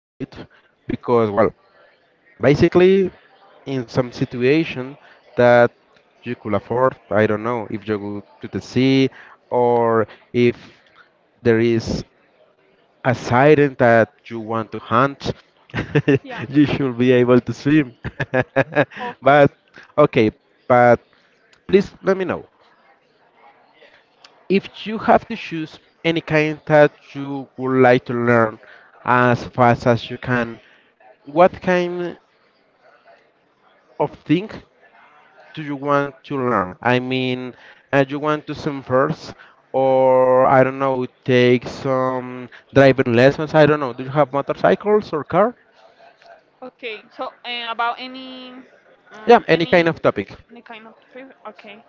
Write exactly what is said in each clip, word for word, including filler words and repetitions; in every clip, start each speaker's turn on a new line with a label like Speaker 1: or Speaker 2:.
Speaker 1: do it because, well, basically, in some situation that you could afford, I don't know, if you go to the sea or if there is as item that you want to hunt.
Speaker 2: Yeah,
Speaker 1: You should be able to swim.
Speaker 2: of
Speaker 1: but
Speaker 2: course.
Speaker 1: okay, but please let me know if you have to choose any kind that you would like to learn as fast as you can. What kind of thing do you want to learn? I mean, uh, you want to swim first, or I don't know, take some driving lessons. I don't know. Do you have motorcycles or car?
Speaker 2: Okay, so uh, about any
Speaker 1: Yeah,
Speaker 2: uh,
Speaker 1: any kind
Speaker 2: any
Speaker 1: of topic.
Speaker 2: any kind of favorite. Okay,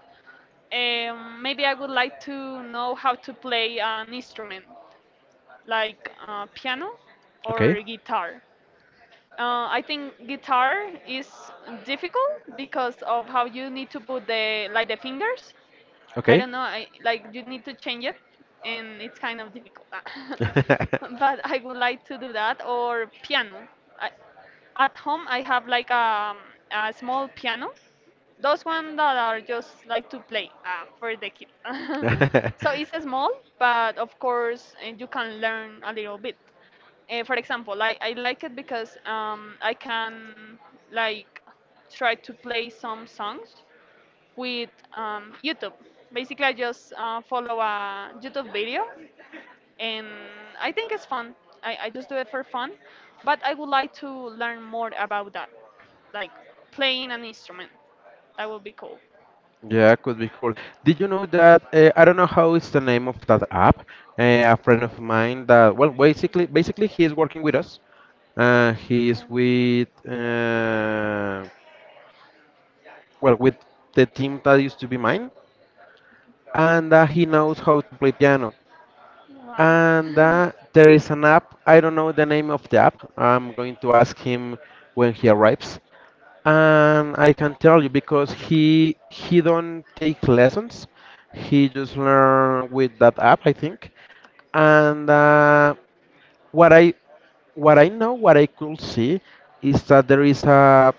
Speaker 2: um, maybe I would like to know how to play an instrument like uh, piano
Speaker 1: Okay.
Speaker 2: or guitar. Uh, I think guitar is difficult because of how you need to put the like the fingers I
Speaker 1: Okay.
Speaker 2: don't know. I like you need to change it, and it's kind of difficult. But I would like to do that or piano. I, at home, I have like a, a small piano. Those ones that are just like to play uh, for the kids. So it's a small, but of course uh, you can learn a little bit. Uh, for example, like I like it because um, I can like try to play some songs with um, YouTube. Basically, I just uh, follow a YouTube video, and I think it's fun. I, I just do it for fun, but I would like to learn more about that, like playing an instrument. That would be cool.
Speaker 1: Yeah, could be cool. Did you know that uh, I don't know how is the name of that app? Uh, a friend of mine that well, basically, basically he is working with us. Uh, he
Speaker 2: Okay.
Speaker 1: is with uh, well with the team that used to be mine, and uh, he knows how to play piano.
Speaker 2: Wow.
Speaker 1: And uh, there is an app. I don't know the name of the app. I'm going to ask him when he arrives. And I can tell you because he he don't take lessons. He just learn with that app, I think. And uh, what I what I know, what I could see, is that there is a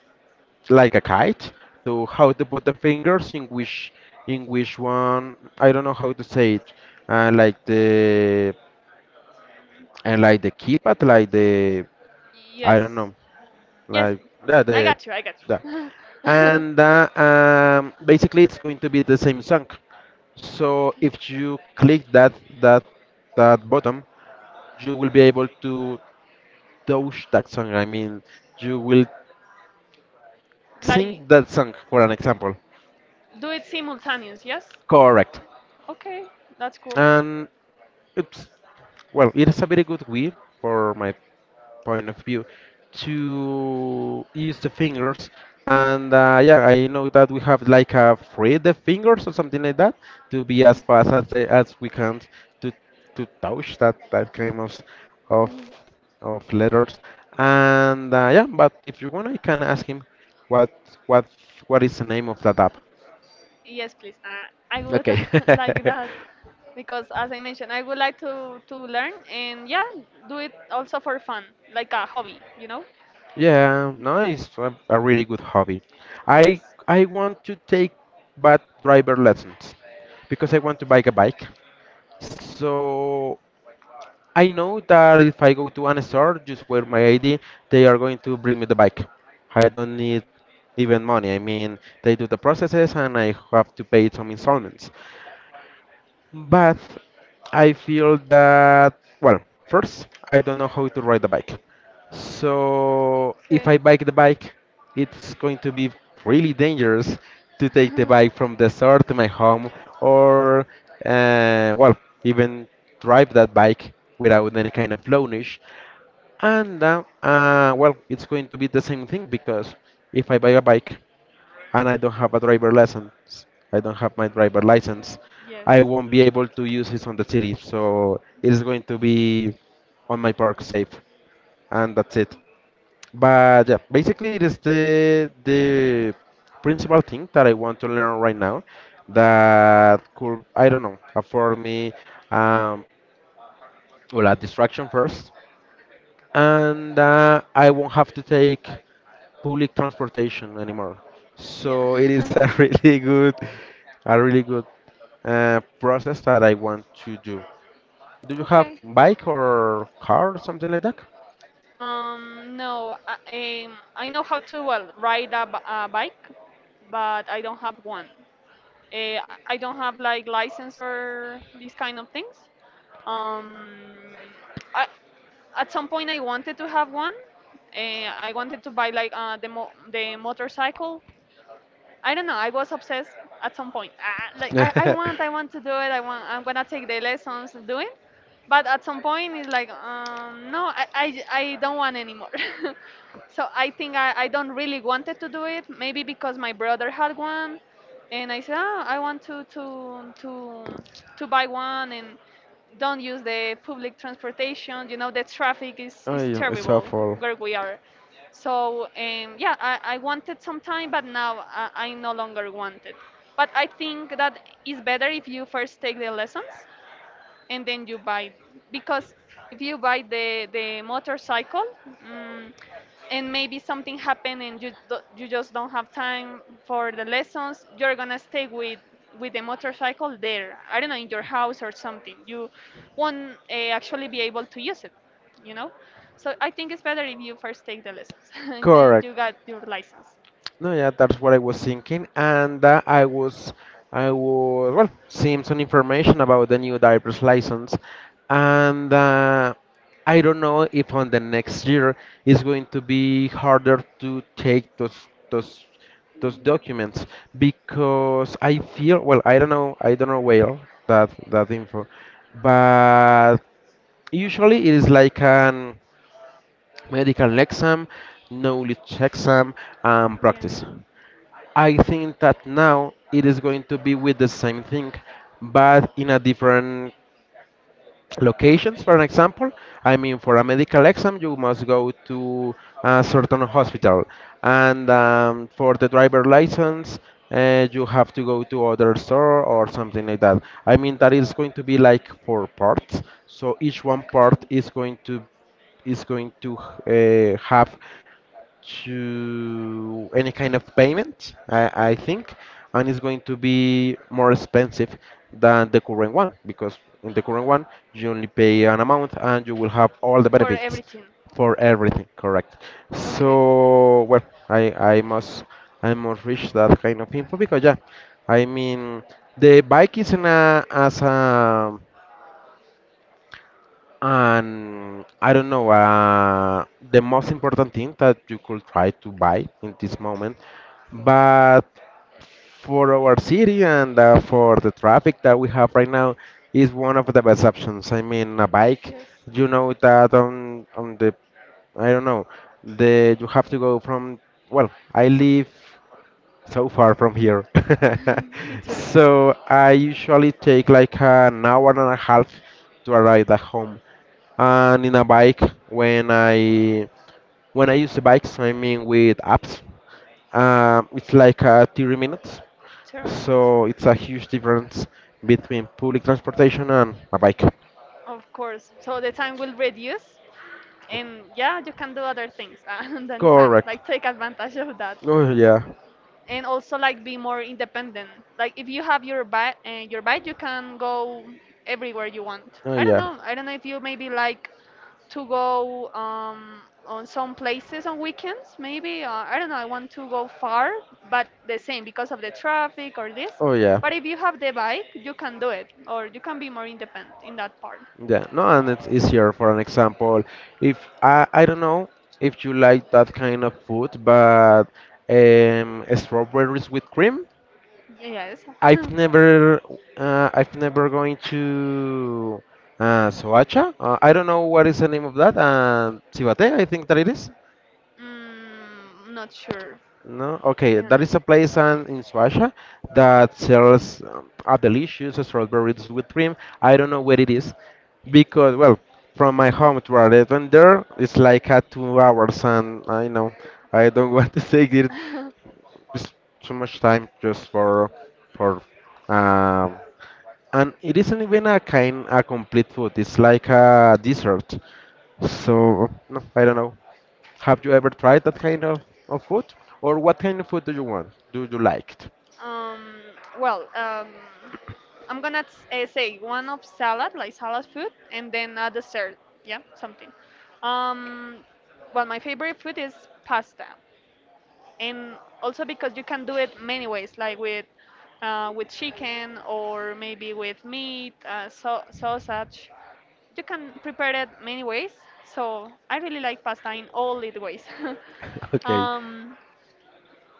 Speaker 1: like a guide to how to put the fingers in which in which one I don't know how to say it. Uh, like the and like the keypad, like the I don't
Speaker 2: Yes.
Speaker 1: know,
Speaker 2: Yes.
Speaker 1: like yeah,
Speaker 2: I
Speaker 1: the
Speaker 2: got you. I got
Speaker 1: yeah.
Speaker 2: you.
Speaker 1: and uh, um, Basically it's going to be the same song. So if you click that that that button, you will be able to touch that song. I mean, you will
Speaker 2: like.
Speaker 1: sing that song for an
Speaker 2: Okay.
Speaker 1: example.
Speaker 2: Do it simultaneous, yes.
Speaker 1: Correct.
Speaker 2: Okay, that's cool.
Speaker 1: And it's well, it is a very good way for my point of view to use the fingers and uh, yeah, I know that we have like a free the fingers or something like that to be as fast as they, as we can to to touch that that kind of s- of of letters and uh, yeah, but if you want, I can ask him what what what is the name of that app.
Speaker 2: Yes, please, uh, I would
Speaker 1: Okay.
Speaker 2: like that, because as I mentioned, I would like to to learn, and yeah, do it also for fun, like a hobby, you know.
Speaker 1: Yeah, nice. A, a really good hobby.
Speaker 2: Yes.
Speaker 1: I I want to take bad driver lessons because I want to buy a bike. So I know that if I go to an store, just wear my I D, they are going to bring me the bike. I don't need even money. I mean, they do the processes and I have to pay some installments, but I feel that, well, first, I don't know how to ride the bike. So if
Speaker 2: Okay.
Speaker 1: I bike the bike, it's going to be really dangerous to take the bike from the store to my home or, uh, well, even drive that bike without any kind of lounge. And, uh, uh, well, it's going to be the same thing because if I buy a bike, and I don't have a driver license. I don't have my driver license.
Speaker 2: Yes.
Speaker 1: I won't be able to use it on the city, so it's going to be on my park safe, and that's it. But yeah, basically it is the the principal thing that I want to learn right now that could I don't know afford me um, well a distraction first, and uh, I won't have to take public transportation anymore. So it is
Speaker 2: Yeah.
Speaker 1: a really good, a really good uh, process that I want to do. Do you have
Speaker 2: Okay.
Speaker 1: bike or car or something like that?
Speaker 2: Um, no, I, um, I know how to well ride a, b- a bike, but I don't have one. Uh, I don't have like license or these kind of things. Um, I, at some point I wanted to have one. Uh, I wanted to buy like uh, the mo- the motorcycle, I don't know. I was obsessed at some point. Ah, like I, I want, I want to do it. I want. I'm gonna take the lessons and do it. But at some point, it's like, um, no, I, I, I don't want anymore. So I think I, I don't really wanted to do it. Maybe because my brother had one, and I said, oh, I want to to to to buy one and don't use the public transportation. You know, the traffic is
Speaker 1: Oh,
Speaker 2: is
Speaker 1: yeah, it's
Speaker 2: terrible
Speaker 1: awful.
Speaker 2: where we are. So um, yeah, I, I wanted some time, but now I, I no longer want it. But I think that it's better if you first take the lessons and then you buy, because if you buy the the motorcycle mm and maybe something happened and you do, you just don't have time for the lessons, you're gonna stay with with the motorcycle there, I don't know, in your house or something. You won't uh, actually be able to use it, you know. So I think it's better if you first take the lessons and then
Speaker 1: Correct.
Speaker 2: you got your license.
Speaker 1: No, yeah, that's what I was thinking, and uh, I was, I was well, seeing some information about the new driver's license, and uh, I don't know if on the next year it's going to be harder to take those those those documents because I feel well, I don't know, I don't know well that that info, but usually it is like an medical exam, knowledge exam, and
Speaker 2: Yeah.
Speaker 1: practice. I think that now it is going to be with the same thing, but in a different locations. For an example, I mean, for a medical exam, you must go to a certain hospital, and
Speaker 2: Okay.
Speaker 1: um, for the driver license, uh, you have to go to other store or something like that. I mean, that is going to be like four parts, so each one
Speaker 2: Okay.
Speaker 1: part is going to is going to uh, have to any kind of payment, I, I think, and it's going to be more expensive than the current one because in the current one you only pay an amount and you will have all the
Speaker 2: For
Speaker 1: benefits
Speaker 2: everything.
Speaker 1: for
Speaker 2: Okay.
Speaker 1: everything, correct?
Speaker 2: Okay.
Speaker 1: So well, I I must I must reach that kind of info because yeah, I mean the bike isn't a, as a and I don't know, uh, the most important thing that you could try to buy in this moment, but for our city and uh, for the traffic that we have right now is one of the best options. I mean, a bike,
Speaker 2: Yes,
Speaker 1: you know that on on the I don't know, the you have to go from well, I live so far from here.
Speaker 2: me too.
Speaker 1: So I usually take like an hour and a half to arrive at home. And in a bike, when I when I use the bikes, I mean with apps, um, it's like uh, thirty minutes.
Speaker 2: Tournament.
Speaker 1: So it's a huge difference between public transportation and a bike.
Speaker 2: Of course. So the time will reduce, and yeah, you can do other things than time.
Speaker 1: Correct.
Speaker 2: Like take advantage of that.
Speaker 1: Oh yeah.
Speaker 2: And also like be more independent. Like if you have your bike and your bike, you can go everywhere you want.
Speaker 1: Oh
Speaker 2: I don't
Speaker 1: yeah.
Speaker 2: know. I don't know if you maybe like to go um, on some places on weekends. Maybe uh, I don't know. I want to go far, but the same because of the traffic or this.
Speaker 1: Oh yeah.
Speaker 2: But if you have the bike, you can do it, or you can be more independent in that part.
Speaker 1: Yeah, no, and it's easier. For an example, if I I don't know if you like that kind of food, but um, strawberries with cream.
Speaker 2: Yes.
Speaker 1: I've never uh, I've never going to uh, Soacha. Uh, I don't know what is the name of that. And Cibate, I think that it is.
Speaker 2: Mm, not sure.
Speaker 1: No,
Speaker 2: To
Speaker 1: okay.
Speaker 2: be
Speaker 1: That is
Speaker 2: honest.
Speaker 1: a place and in Swacha
Speaker 2: Okay.
Speaker 1: that sells um, a delicious strawberries with cream. I don't know where it is because, well, from my home to our restaurant there, it's like a two hours, and I know I don't want to take it, it's too much time just for for um, and it isn't even a kind a complete food. It's like a dessert. So no, I don't know. Have you ever tried that kind of, of food? Or what kind of food do you want? Do you like it?
Speaker 2: Um, well, um, I'm gonna s- uh, say one of salad, like salad food, and then a dessert. Yeah, something. Um, well, my favorite food is pasta, and also because you can do it many ways, like with uh, with chicken or maybe with meat, uh, so sausage. You can prepare it many ways. So I really like pasta in all its ways. um,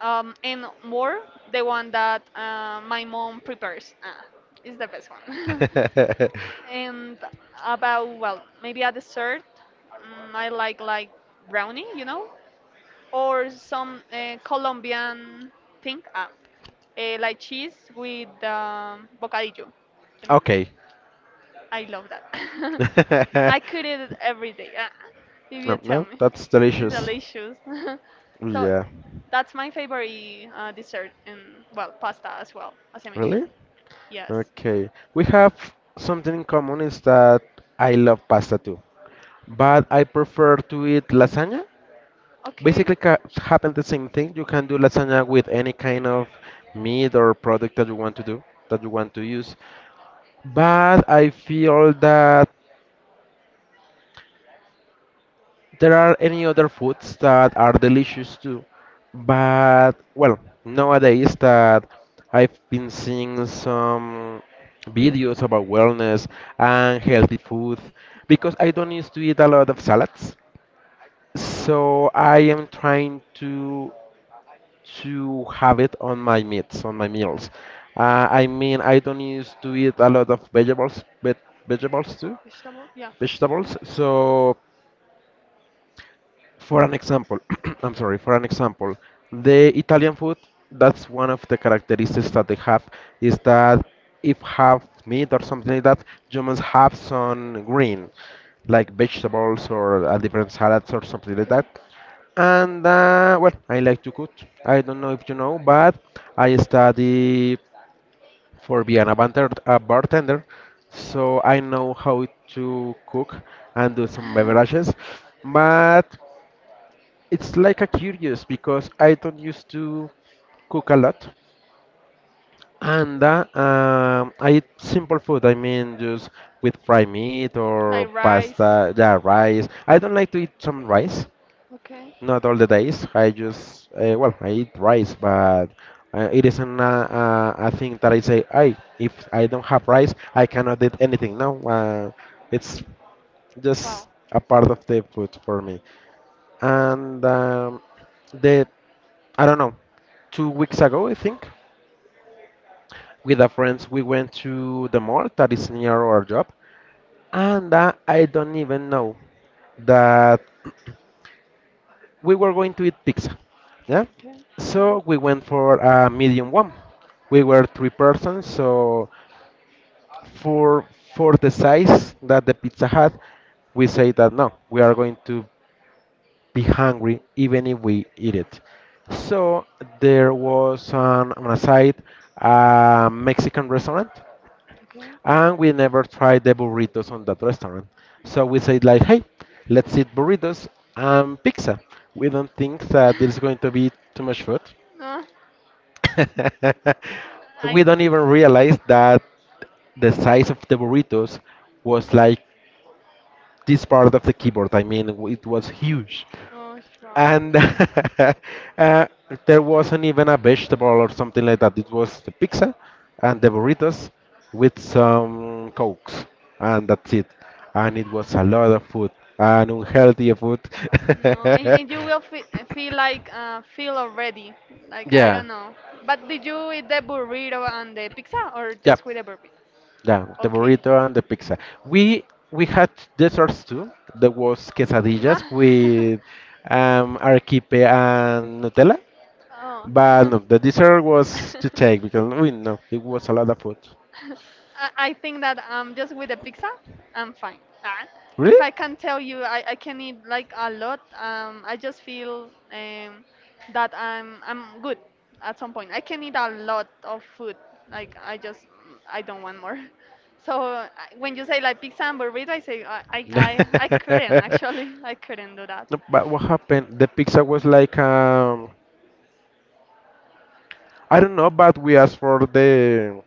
Speaker 2: um, and more, the one that uh, my mom prepares uh, is the best one.
Speaker 1: Okay.
Speaker 2: And about, well, maybe a dessert, mm, I like like brownie, you know, or some uh, Colombian thing, ah, uh, like cheese with um, bocadillo, you know.
Speaker 1: Okay.
Speaker 2: I love that. I could eat it every day. Ah, if you
Speaker 1: No,
Speaker 2: tell
Speaker 1: no,
Speaker 2: me,
Speaker 1: that's
Speaker 2: it's
Speaker 1: delicious.
Speaker 2: delicious. So
Speaker 1: Yeah.
Speaker 2: that's my favorite uh, dessert, and well, pasta as well as a mesh.
Speaker 1: Really?
Speaker 2: Yes.
Speaker 1: Okay. We have something in common is that I love pasta too. But I prefer to eat lasagna.
Speaker 2: Okay.
Speaker 1: Basically, ca happen the same thing. You can do lasagna with any kind of meat or product that you want to do, that you want to use. But I feel that there are any other foods that are delicious too. But well, nowadays that I've been seeing some videos about wellness and healthy food
Speaker 2: Okay.
Speaker 1: because I don't used to eat a lot of salads. So I am trying to to have it on my meats, on my meals. Uh, I mean, I don't used to eat a lot of vegetables, but vegetables too,
Speaker 2: Vegetable. Yeah.
Speaker 1: vegetables. So. For an example, I'm sorry, for an example, the Italian food, that's one of the characteristics that they have is that if have meat or something like that, you must have some green, like vegetables or a different salads or something like
Speaker 2: Okay.
Speaker 1: that. And uh, well, I like to cook. I don't know if you know, but I study for being a bartender, a bartender, so I know how to cook and do some beverages. But it's like a curious because I don't used to cook a lot, and uh, um, I eat simple food. I mean, just with fried meat or
Speaker 2: Like rice.
Speaker 1: pasta, yeah, rice. I don't like to eat some rice,
Speaker 2: Okay.
Speaker 1: not all the days. I just uh, well, I eat rice, but uh, it isn't a, a, a thing that I say, I if I don't have rice, I cannot eat anything. No, uh, it's
Speaker 2: Wow.
Speaker 1: just a part of the food for me, and. Um, the I don't know, two weeks ago, I think. With a friends, we went to the mall that is near our job, and uh, I don't even know that we were going to eat pizza. Yeah,
Speaker 2: Okay. Yeah.
Speaker 1: so we went for a medium one. We were three persons, so for for the size that the pizza had, we say that no, we are going to be hungry even if we eat it. So there was on, on a side a Mexican restaurant
Speaker 2: Okay.
Speaker 1: and we never tried the burritos on that restaurant. So we said like, hey, let's eat burritos and pizza. We don't think that there's going to be too much food.
Speaker 2: Uh, I
Speaker 1: We don't even realize that the size of the burritos was like this part of the keyboard. I mean, w- it was huge
Speaker 2: oh wow.
Speaker 1: and uh, there wasn't even a vegetable or something like that. It was the pizza and the burritos with some cokes, and that's it. And it was a lot of food and unhealthy food.
Speaker 2: No, and, and you will fe feel like uh, feel already like I
Speaker 1: Yeah.
Speaker 2: don't know. But did you eat the burrito and the pizza or
Speaker 1: Yeah.
Speaker 2: just with the burrito?
Speaker 1: Yeah, the
Speaker 2: Okay.
Speaker 1: burrito and the pizza. We we had desserts too. There was quesadillas with um, arequipe and Nutella. But no,
Speaker 2: Oh.
Speaker 1: the dessert was to take because we know it was a lot of food.
Speaker 2: I I think that um, just with the pizza, I'm fine. Ah, if
Speaker 1: Really?
Speaker 2: I can tell you, I, I can eat like a lot. Um, I just feel um, that I'm I'm good at some point. I can eat a lot of food. Like I just I don't want more. So I- when you say like pizza and burrito, I say I I I, I couldn't actually. I couldn't do that.
Speaker 1: No, but what happened? The pizza was like um, I don't know, but we asked for the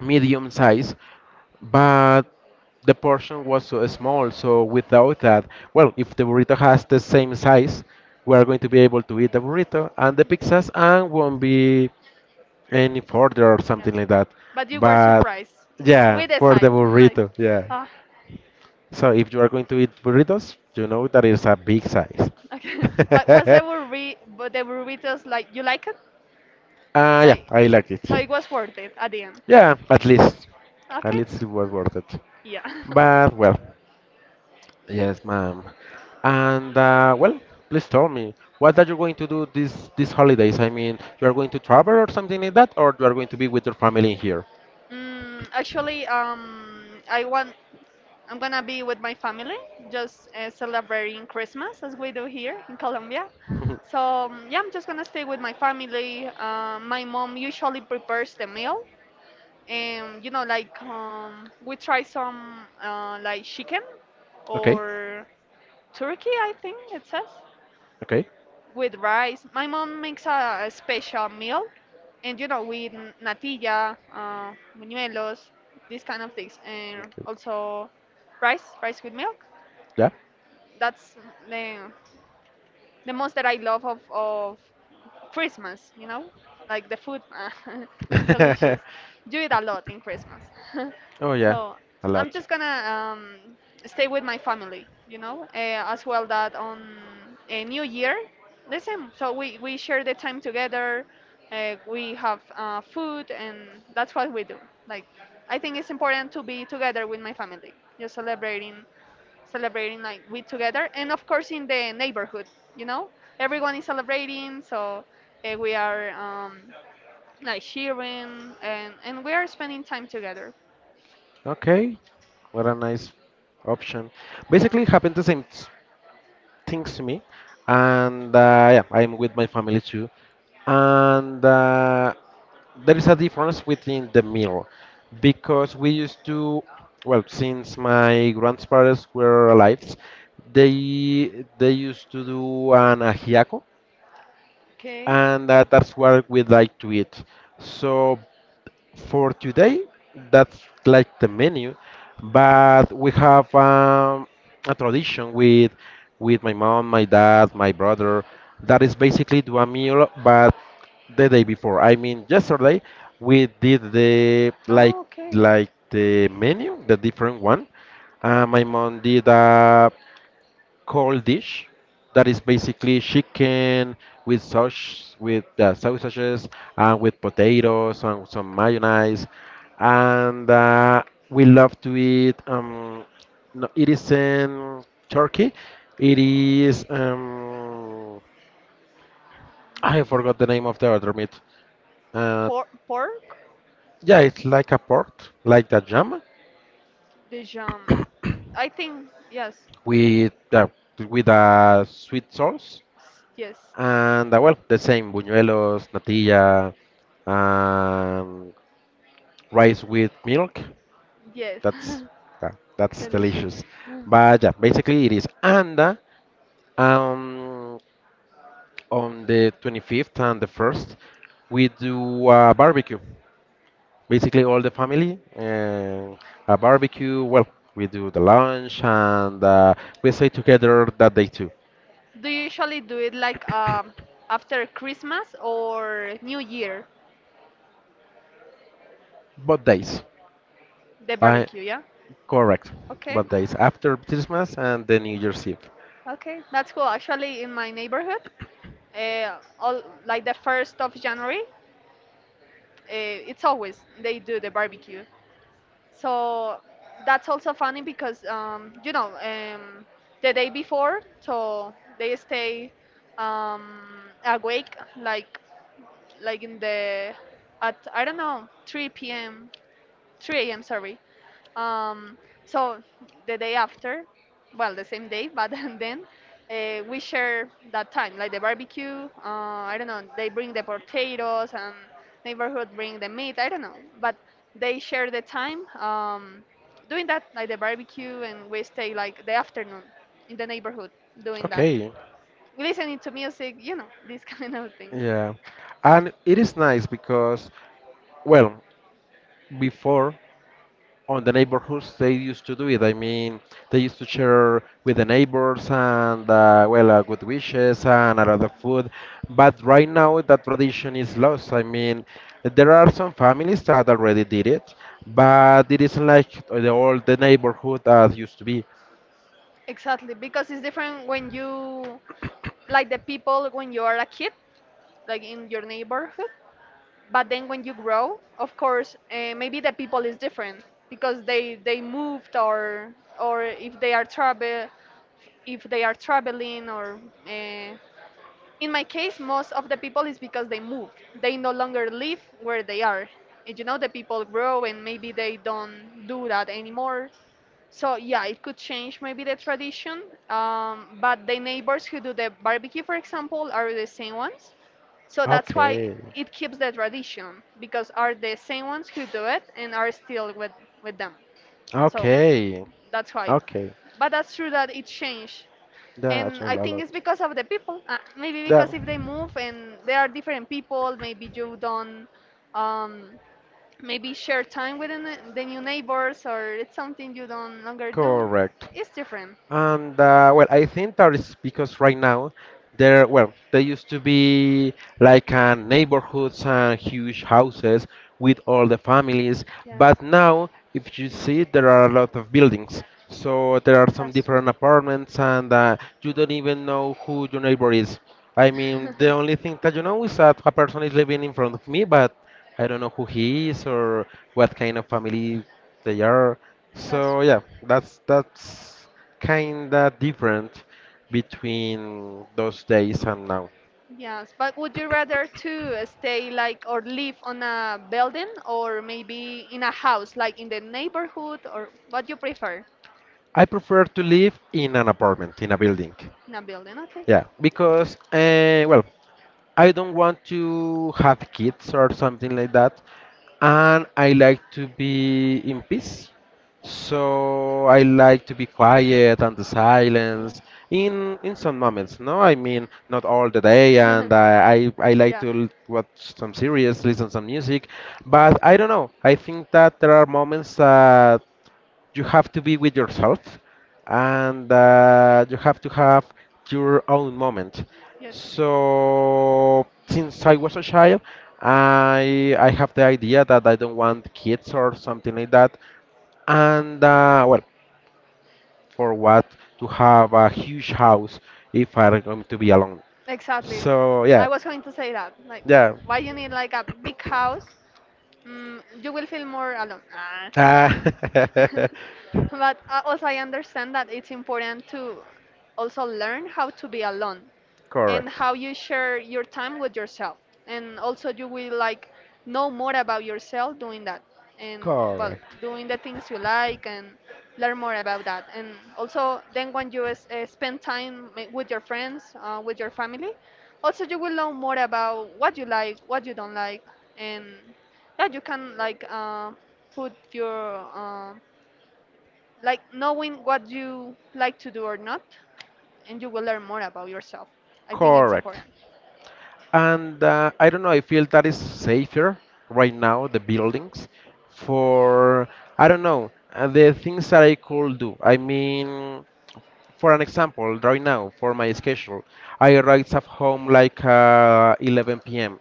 Speaker 1: medium size, but the portion was so small. So without that, well, if the burrito has the same size, we are going to be able to eat the burrito and the pizzas and won't be any further or
Speaker 2: Yeah,
Speaker 1: something like that.
Speaker 2: but you were
Speaker 1: But
Speaker 2: surprised. Yeah.
Speaker 1: yeah,
Speaker 2: We
Speaker 1: for the
Speaker 2: decide like,
Speaker 1: burrito, yeah.
Speaker 2: ah,
Speaker 1: So if you are going to eat burritos, you know that is a big size.
Speaker 2: okay. But was the burrito, but the burritos like you like it,
Speaker 1: Ah, yeah,
Speaker 2: like,
Speaker 1: I like it.
Speaker 2: so it was worth it at the end.
Speaker 1: Yeah, at least, at
Speaker 2: Okay.
Speaker 1: least it was worth it.
Speaker 2: Yeah.
Speaker 1: But well, yes, ma'am. And uh, well, please tell me, what are you going to do this these holidays? I mean, you are going to travel or something like that, or you are going to be with your family here?
Speaker 2: Mm, actually, um, I want I'm gonna be with my family, just uh, celebrating Christmas as we do here in Colombia. So um, yeah, I'm just gonna stay with my family. Uh, my mom usually prepares the meal, and you know like um, we try some uh, like chicken
Speaker 1: Okay,
Speaker 2: or turkey, I think it says,
Speaker 1: okay.
Speaker 2: with rice. My mom makes a, a special meal, and you know with n- natilla, uh, buñuelos, these kind of things, and
Speaker 1: Okay.
Speaker 2: also rice rice with milk. That's the the most that I love of of Christmas, you know, like the food, it's
Speaker 1: Yeah.
Speaker 2: delicious. Do it a lot in Christmas.
Speaker 1: Oh yeah,
Speaker 2: So
Speaker 1: a
Speaker 2: I'm
Speaker 1: lot.
Speaker 2: just gonna um, stay with my family, you know, uh, as well that on a New Year, the same. So we we share the time together. Uh, we have uh, food, and that's what we do. Like I think it's important to be together with my family, just celebrating celebrating like we together, and of course in the neighborhood, you know, everyone is celebrating. So uh, we are um, like cheering, and, and we are spending time together.
Speaker 1: Okay, what a nice option.
Speaker 2: Yeah.
Speaker 1: Basically, it happened the same s- things to me, and uh, yeah, I'm with my family too, and uh, there is a difference within the meal because we used to, well, since my grandparents were alive, they they used to do an ajiaco,
Speaker 2: Okay.
Speaker 1: and uh, that's what we like to eat. So for today, that's like the menu, but we have um, a tradition with with my mom, my dad, my brother, that is basically do a meal, but the day before, I mean, yesterday, we did the like
Speaker 2: Oh okay.
Speaker 1: like the menu, the different one. Uh, my mom did a cold dish that is basically chicken with sauce, with uh, sausages, and with potatoes and some mayonnaise. And uh, we love to eat. Um, no, it is in Turkey. It is. Um, I forgot the name of the other meat. Uh,
Speaker 2: Por- pork,
Speaker 1: yeah, it's like a pork, like the jam
Speaker 2: the jam, I think, yes.
Speaker 1: with uh, with a sweet sauce.
Speaker 2: S- yes.
Speaker 1: And uh, well, the same buñuelos, natilla, um, rice with milk.
Speaker 2: Yes.
Speaker 1: That's that, that's
Speaker 2: Delicious.
Speaker 1: delicious.
Speaker 2: Mm.
Speaker 1: But yeah, basically it is. And uh, um, on the twenty-fifth and the first, we do a barbecue. Basically, all the family, uh, a barbecue. Well, we do the lunch and uh, we stay together that day too.
Speaker 2: Do you usually do it like um, after Christmas or New Year?
Speaker 1: Both days.
Speaker 2: The
Speaker 1: I
Speaker 2: barbecue, yeah.
Speaker 1: Correct.
Speaker 2: Okay,
Speaker 1: Both days after Christmas and the New Year's Eve.
Speaker 2: okay, that's cool. Actually, in my neighborhood, uh, all like the first of January, uh, it's always they do the barbecue. So that's also funny because um, you know um, the day before, so they stay um, awake like like in the at I don't know three p m three a m. Sorry. Um, so the day after, well, the same day, but then uh, we share that time, like the barbecue. Uh, I don't know. They bring the potatoes, and neighborhood bring the meat. I don't know, but they share the time um, doing that, like the barbecue, and we stay like the afternoon in the neighborhood doing that,
Speaker 1: Okay,
Speaker 2: listening to music. You know, these kind of things.
Speaker 1: yeah. And it is nice because, well, before on the neighborhoods they used to do it. I mean, they used to share with the neighbors and, uh, well, uh, good wishes and a lot of food. But right now that tradition is lost. I mean, there are some families that already did it, but it isn't like the old the neighborhood that used to be.
Speaker 2: Exactly, because it's different when you like the people when you are a kid like in your neighborhood, but then when you grow, of course uh, maybe the people is different because they they moved, or or if they are travel if they are traveling, or uh, in my case most of the people is because they move. They no longer live where they are, and you know the people grow, and maybe they don't do that anymore. So yeah, it could change maybe the tradition, um, but the neighbors who do the barbecue, for example, are the same ones. So that's why it keeps the tradition, because are the same ones who do it and are still with with them.
Speaker 1: Best.
Speaker 2: So
Speaker 1: Okay.
Speaker 2: that's why.
Speaker 1: Okay. I,
Speaker 2: But that's true that it changed. And I think it's because of the people. Uh, maybe
Speaker 1: Yeah.
Speaker 2: because if they move and they are different people, maybe you don't um, maybe share time with the ne- the new neighbors, or it's something you don't longer do.
Speaker 1: Correct.
Speaker 2: It's different.
Speaker 1: And uh, well, I think that is because right now there, well, there used to be like uh, neighborhoods and huge houses with all the families,
Speaker 2: Yes.
Speaker 1: but now if you see, there are a lot of buildings. So there are some
Speaker 2: that's
Speaker 1: different apartments, and uh, you don't even know who your neighbor is. I mean, the only thing that you know is that a person is living in front of me, but I don't know who he is or what kind of family they are.
Speaker 2: that's
Speaker 1: So yeah, that's that's kinda different between those days and now.
Speaker 2: Yes, but would you rather to stay like or live on a building or maybe in a house, like in the neighborhood, or what you prefer?
Speaker 1: I prefer to live in an apartment, in a building.
Speaker 2: In a building, okay.
Speaker 1: Yeah, because, uh, well, I don't want to have kids or something like that, and I like to be in peace. So I like to be quiet and the
Speaker 2: Yeah.
Speaker 1: silence in in some moments. No, I mean not all the day, and I I, I like
Speaker 2: Yeah.
Speaker 1: to l- watch some series, listen some music, but I don't know. I think that there are moments that you have to be with yourself, and uh, you have to have your own moment.
Speaker 2: Yes.
Speaker 1: So since I was a child, I I have the idea that I don't want kids or something like that. And uh, well, for what to have a huge house if I'm going to be alone?
Speaker 2: Exactly.
Speaker 1: So yeah,
Speaker 2: I was going to say that. Like,
Speaker 1: yeah.
Speaker 2: why you need like a big house? Mm, you will feel more alone. Ah.
Speaker 1: Ah.
Speaker 2: But uh, also, I understand that it's important to also learn how to be alone and
Speaker 1: Correct.
Speaker 2: how you share your time with yourself. And also, you will like know more about yourself doing that, and well,
Speaker 1: Correct.
Speaker 2: doing the things you like and learn more about that. And also, then when you s- uh, spend time ma- with your friends, uh, with your family, also you will know more about what you like, what you don't like, and yeah, you can like uh, put your uh, like knowing what you like to do or not, and you will learn more about yourself. I think it's
Speaker 1: Correct.
Speaker 2: important.
Speaker 1: And uh, I don't know, I feel that is safer right now, the buildings, for, I don't know, uh, the things that I could do. I mean, for an example, right now, for my schedule, I arrive at home like uh, eleven p m.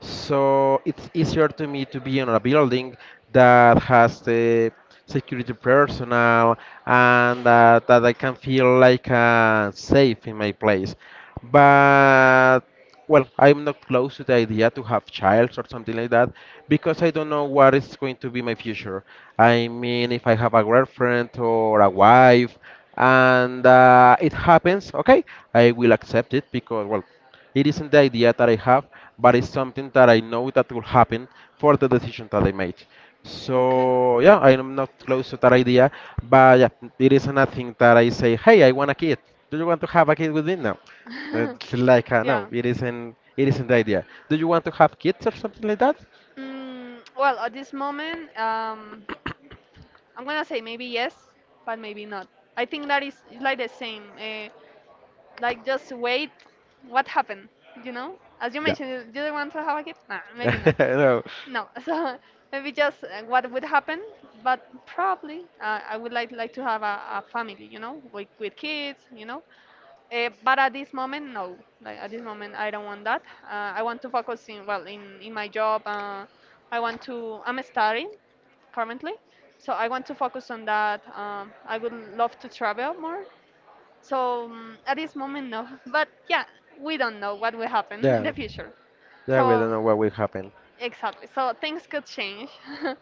Speaker 1: So it's easier to me to be in a building that has the security personnel and
Speaker 2: Does.
Speaker 1: uh, that I can feel like uh, safe in my place. But well, I'm not close to the idea to have child or something like that, because I don't know what is going to be my future. I mean, if I have a girlfriend or a wife, and uh, it happens, okay, I will accept it because, well, it isn't the idea that I have, but it's something that I know that will happen for the decision that I made. So yeah, I am not close to that idea, but yeah, it is nothing that I say, hey, I want a kid. Do you want to have a kid with me now? It's like uh, no,
Speaker 2: Yeah.
Speaker 1: it isn't. It isn't the idea. Do you want to have kids or something like that?
Speaker 2: Mm, well, at this moment, um, I'm gonna say maybe yes, but maybe not. I think that is it's like the same. Uh, like just wait, what happened? You know, as you
Speaker 1: Yeah.
Speaker 2: mentioned, you don't want to have a kid. Nah, maybe not.
Speaker 1: No.
Speaker 2: No, so maybe just uh, what would happen. But probably, uh, I would like like to have a, a family. You know, with with kids. You know, Uh, but at this moment, no. Like at this moment, I don't want that. Uh, I want to focus in well in in my job. Uh, I want to. I'm studying currently, so I want to focus on that. Um, I would love to travel more. So um, at this moment, no. But yeah, we don't know what will happen in
Speaker 1: Yeah.
Speaker 2: the future.
Speaker 1: Yeah. We don't
Speaker 2: So
Speaker 1: know what will happen.
Speaker 2: exactly. So things could change.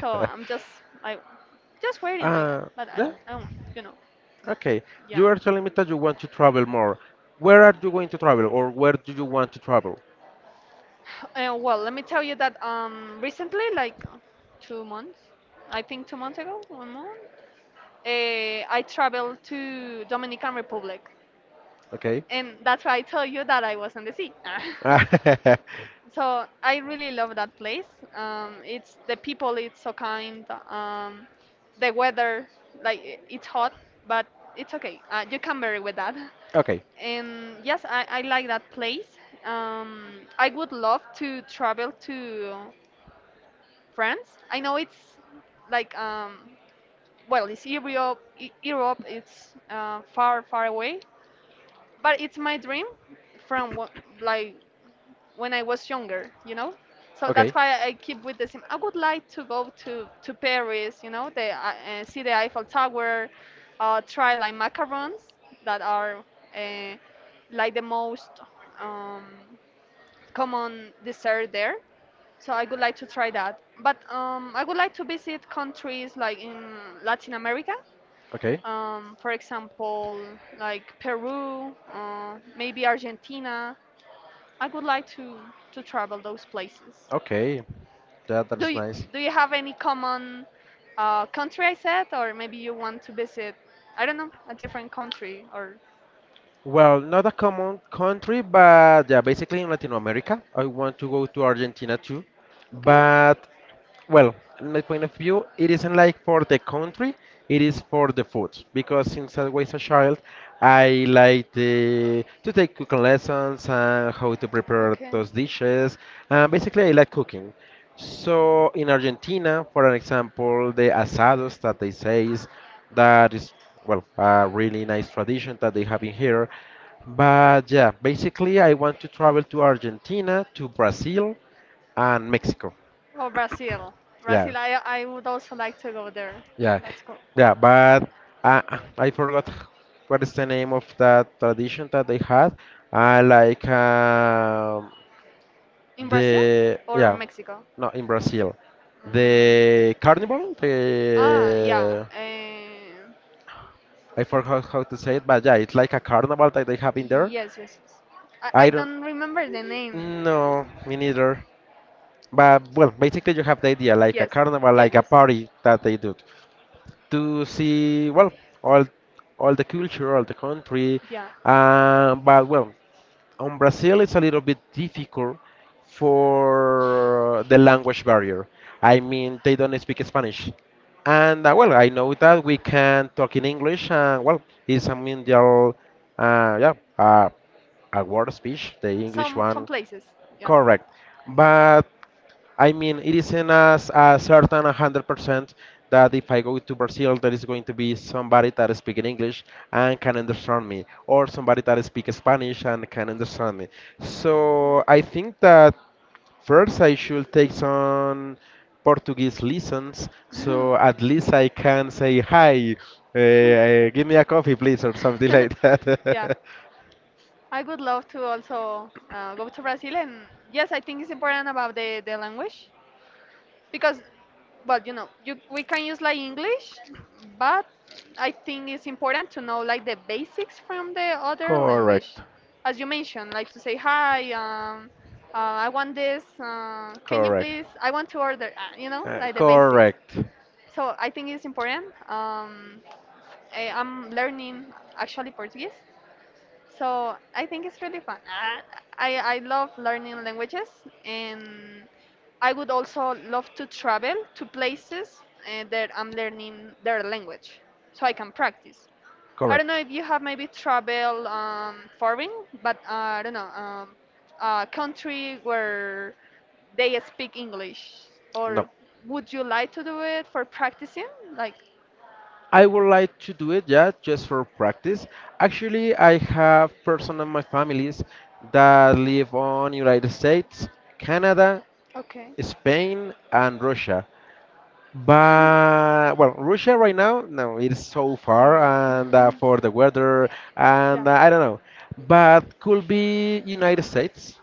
Speaker 2: So I'm just like just waiting like that.
Speaker 1: uh,
Speaker 2: But I
Speaker 1: yeah.
Speaker 2: I don't want you know.
Speaker 1: Okay. You
Speaker 2: Yeah.
Speaker 1: are telling me that you want to travel more. Where are you going to travel, or where do you want to travel?
Speaker 2: Uh, well, let me tell you that um, recently, like two months, I think two months ago, one month, uh, I traveled to Dominican Republic,
Speaker 1: Okay?
Speaker 2: and that's why I tell you that I was on the sea.
Speaker 1: Okay,
Speaker 2: So I really love that place. Um, it's the people, it's so kind. Um, the weather, like i- it's hot, but it's okay. Uh, you can vary with that.
Speaker 1: okay.
Speaker 2: And yes, I, I like that place. Um, I would love to travel to France. I know it's like um, well, it's Europe. E- Europe, it's uh, far, far away, but it's my dream from wh- like when I was younger, you know. So that's why I keep with the same. I would like to go to to Paris, you know, the, uh, uh, see the Eiffel Tower, uh, try like macarons that are uh, like the most um, common dessert there so I would like to try that. But um, I would like to visit countries like in Latin America,
Speaker 1: Okay,
Speaker 2: um, for example, like Peru, uh, maybe Argentina. I would like to to travel those places.
Speaker 1: okay. That,
Speaker 2: Do
Speaker 1: that's
Speaker 2: you
Speaker 1: nice.
Speaker 2: do you have any common uh, country I said, or maybe you want to visit? I don't know, a different country or.
Speaker 1: Well, not a common country, but yeah, basically in Latin America. I want to go to Argentina too.
Speaker 2: Okay.
Speaker 1: But Well, in my point of view, it isn't like for the country, it is for the food. Because since I was a child, I like the, to take cooking lessons and how to prepare
Speaker 2: Okay.
Speaker 1: those dishes. Uh, basically, I like cooking. So in Argentina, for an example, the asados that they say is, that is, well, a really nice tradition that they have in here. But yeah, basically, I want to travel to Argentina, to Brazil, and Mexico.
Speaker 2: Oh, Brazil.
Speaker 1: Yeah.
Speaker 2: Brazil, I, I would also like to go there.
Speaker 1: Yeah,
Speaker 2: That's cool.
Speaker 1: yeah, but uh, I forgot what is the name of that tradition that they had. I like um,
Speaker 2: In Brazil
Speaker 1: the
Speaker 2: or
Speaker 1: yeah,
Speaker 2: Mexico?
Speaker 1: no, in Brazil,
Speaker 2: Mm.
Speaker 1: the carnival.
Speaker 2: Ah, yeah.
Speaker 1: The
Speaker 2: Eh,
Speaker 1: I forgot how to say it, but yeah, it's like a carnival that they have in there.
Speaker 2: yes, yes, yes. I, I
Speaker 1: I don't
Speaker 2: don't remember the name.
Speaker 1: no, me neither. But well, basically you have the idea like a
Speaker 2: Yes,
Speaker 1: carnival,
Speaker 2: yes,
Speaker 1: like a
Speaker 2: yes.
Speaker 1: party that they do. To see, well, all all the culture, all the country.
Speaker 2: Yeah.
Speaker 1: Uh, but well, on Brazil it's a little bit difficult for the language barrier. I mean, they don't speak Spanish, and uh, well, I know that we can talk in English. And well, it's a mundial, uh, yeah, uh, a world speech, the English
Speaker 2: Some some
Speaker 1: one,
Speaker 2: places. Yeah.
Speaker 1: correct. But I mean, it isn't as a certain one hundred percent that if I go to Brazil, there is going to be somebody that is speaking English and can understand me, or somebody that speaks Spanish and can understand me. So I think that first I should take some Portuguese lessons, so at least I can say hi, uh, give me a coffee, please, or something like that.
Speaker 2: I would love to also uh, go to Brazil, and yes, I think it's important about the, the language because well you know you we can use like English, but I think it's important to know like the basics from the other language
Speaker 1: Correct,
Speaker 2: as you mentioned, like to say hi, um uh, I want this, uh, can you
Speaker 1: correct,
Speaker 2: please, I want to order, uh, you know
Speaker 1: uh,
Speaker 2: like the basics.
Speaker 1: correct,
Speaker 2: So I think it's important. um I, i'm learning actually Portuguese, so I think it's really fun. I, I, I love learning languages, and I would also love to travel to places uh, that I'm learning their language, so I can practice. I don't know
Speaker 1: correct.
Speaker 2: if you have maybe travel um, foreign, but uh, I don't know, um, a country where they speak English,
Speaker 1: No,
Speaker 2: or would you like to do it for practicing? Like,
Speaker 1: I would like to do it, yeah, just for practice. Actually, I have person in my families that live on United States, Canada,
Speaker 2: okay.
Speaker 1: Spain, and Russia. But well, Russia right now, no, it's so far, and uh,
Speaker 2: No.
Speaker 1: for the weather,
Speaker 2: Yeah.
Speaker 1: and uh, I don't know. But could be United States.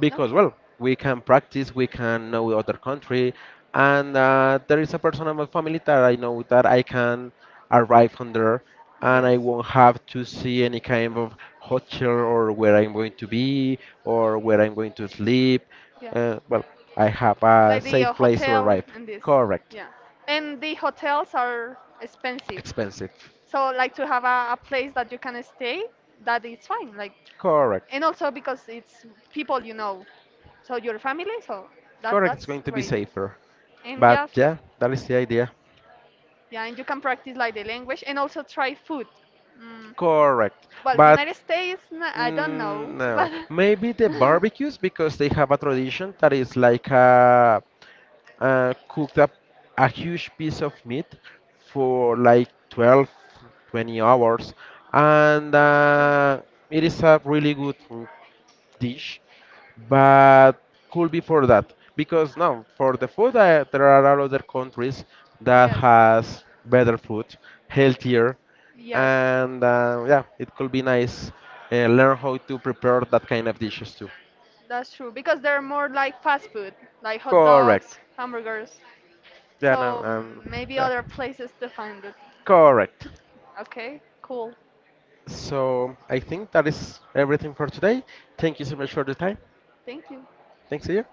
Speaker 1: Because,
Speaker 2: Okay.
Speaker 1: well, we can practice, we can know other country, and uh, there is a person in my family that I know that I can arrive on there, and
Speaker 2: Yes.
Speaker 1: I won't have to see any kind of hotel or where I'm going to be or where I'm going to sleep.
Speaker 2: Yeah.
Speaker 1: Uh, well, I have a
Speaker 2: Like the uh,
Speaker 1: safe place to
Speaker 2: hotel
Speaker 1: arrive.
Speaker 2: and this.
Speaker 1: Correct.
Speaker 2: Yeah. And the hotels are expensive.
Speaker 1: Expensive.
Speaker 2: So like to have a, a place that you can stay, that is fine. Like
Speaker 1: Correct.
Speaker 2: and also because it's people you know, so your family. So that
Speaker 1: Correct. It's
Speaker 2: that's
Speaker 1: going to be
Speaker 2: great.
Speaker 1: safer,
Speaker 2: And
Speaker 1: but
Speaker 2: yeah,
Speaker 1: yeah, that is the idea.
Speaker 2: yeah, and you can practice like the language and also try food. Mm,
Speaker 1: Correct.
Speaker 2: well,
Speaker 1: But
Speaker 2: United States, n- I don't know,
Speaker 1: Mm, no,
Speaker 2: but
Speaker 1: maybe the barbecues, because they have a tradition that is like a, uh cooked up a huge piece of meat for like twelve twenty hours, and
Speaker 2: okay.
Speaker 1: uh, it is a really good dish, but could be for that because now for the food, uh, there are other countries that
Speaker 2: Yes,
Speaker 1: has better food, healthier,
Speaker 2: yes.
Speaker 1: and uh, yeah, it could be nice, uh, learn how to prepare that kind of dishes too.
Speaker 2: That's true because they're more like fast food, like hot
Speaker 1: Correct.
Speaker 2: dogs, hamburgers.
Speaker 1: Yeah, no,
Speaker 2: So
Speaker 1: um,
Speaker 2: mm, maybe
Speaker 1: yeah.
Speaker 2: other places to find it.
Speaker 1: Correct.
Speaker 2: Okay, cool.
Speaker 1: So I think that is everything for today. Thank you so much for the time.
Speaker 2: Thank you.
Speaker 1: Thanks to you.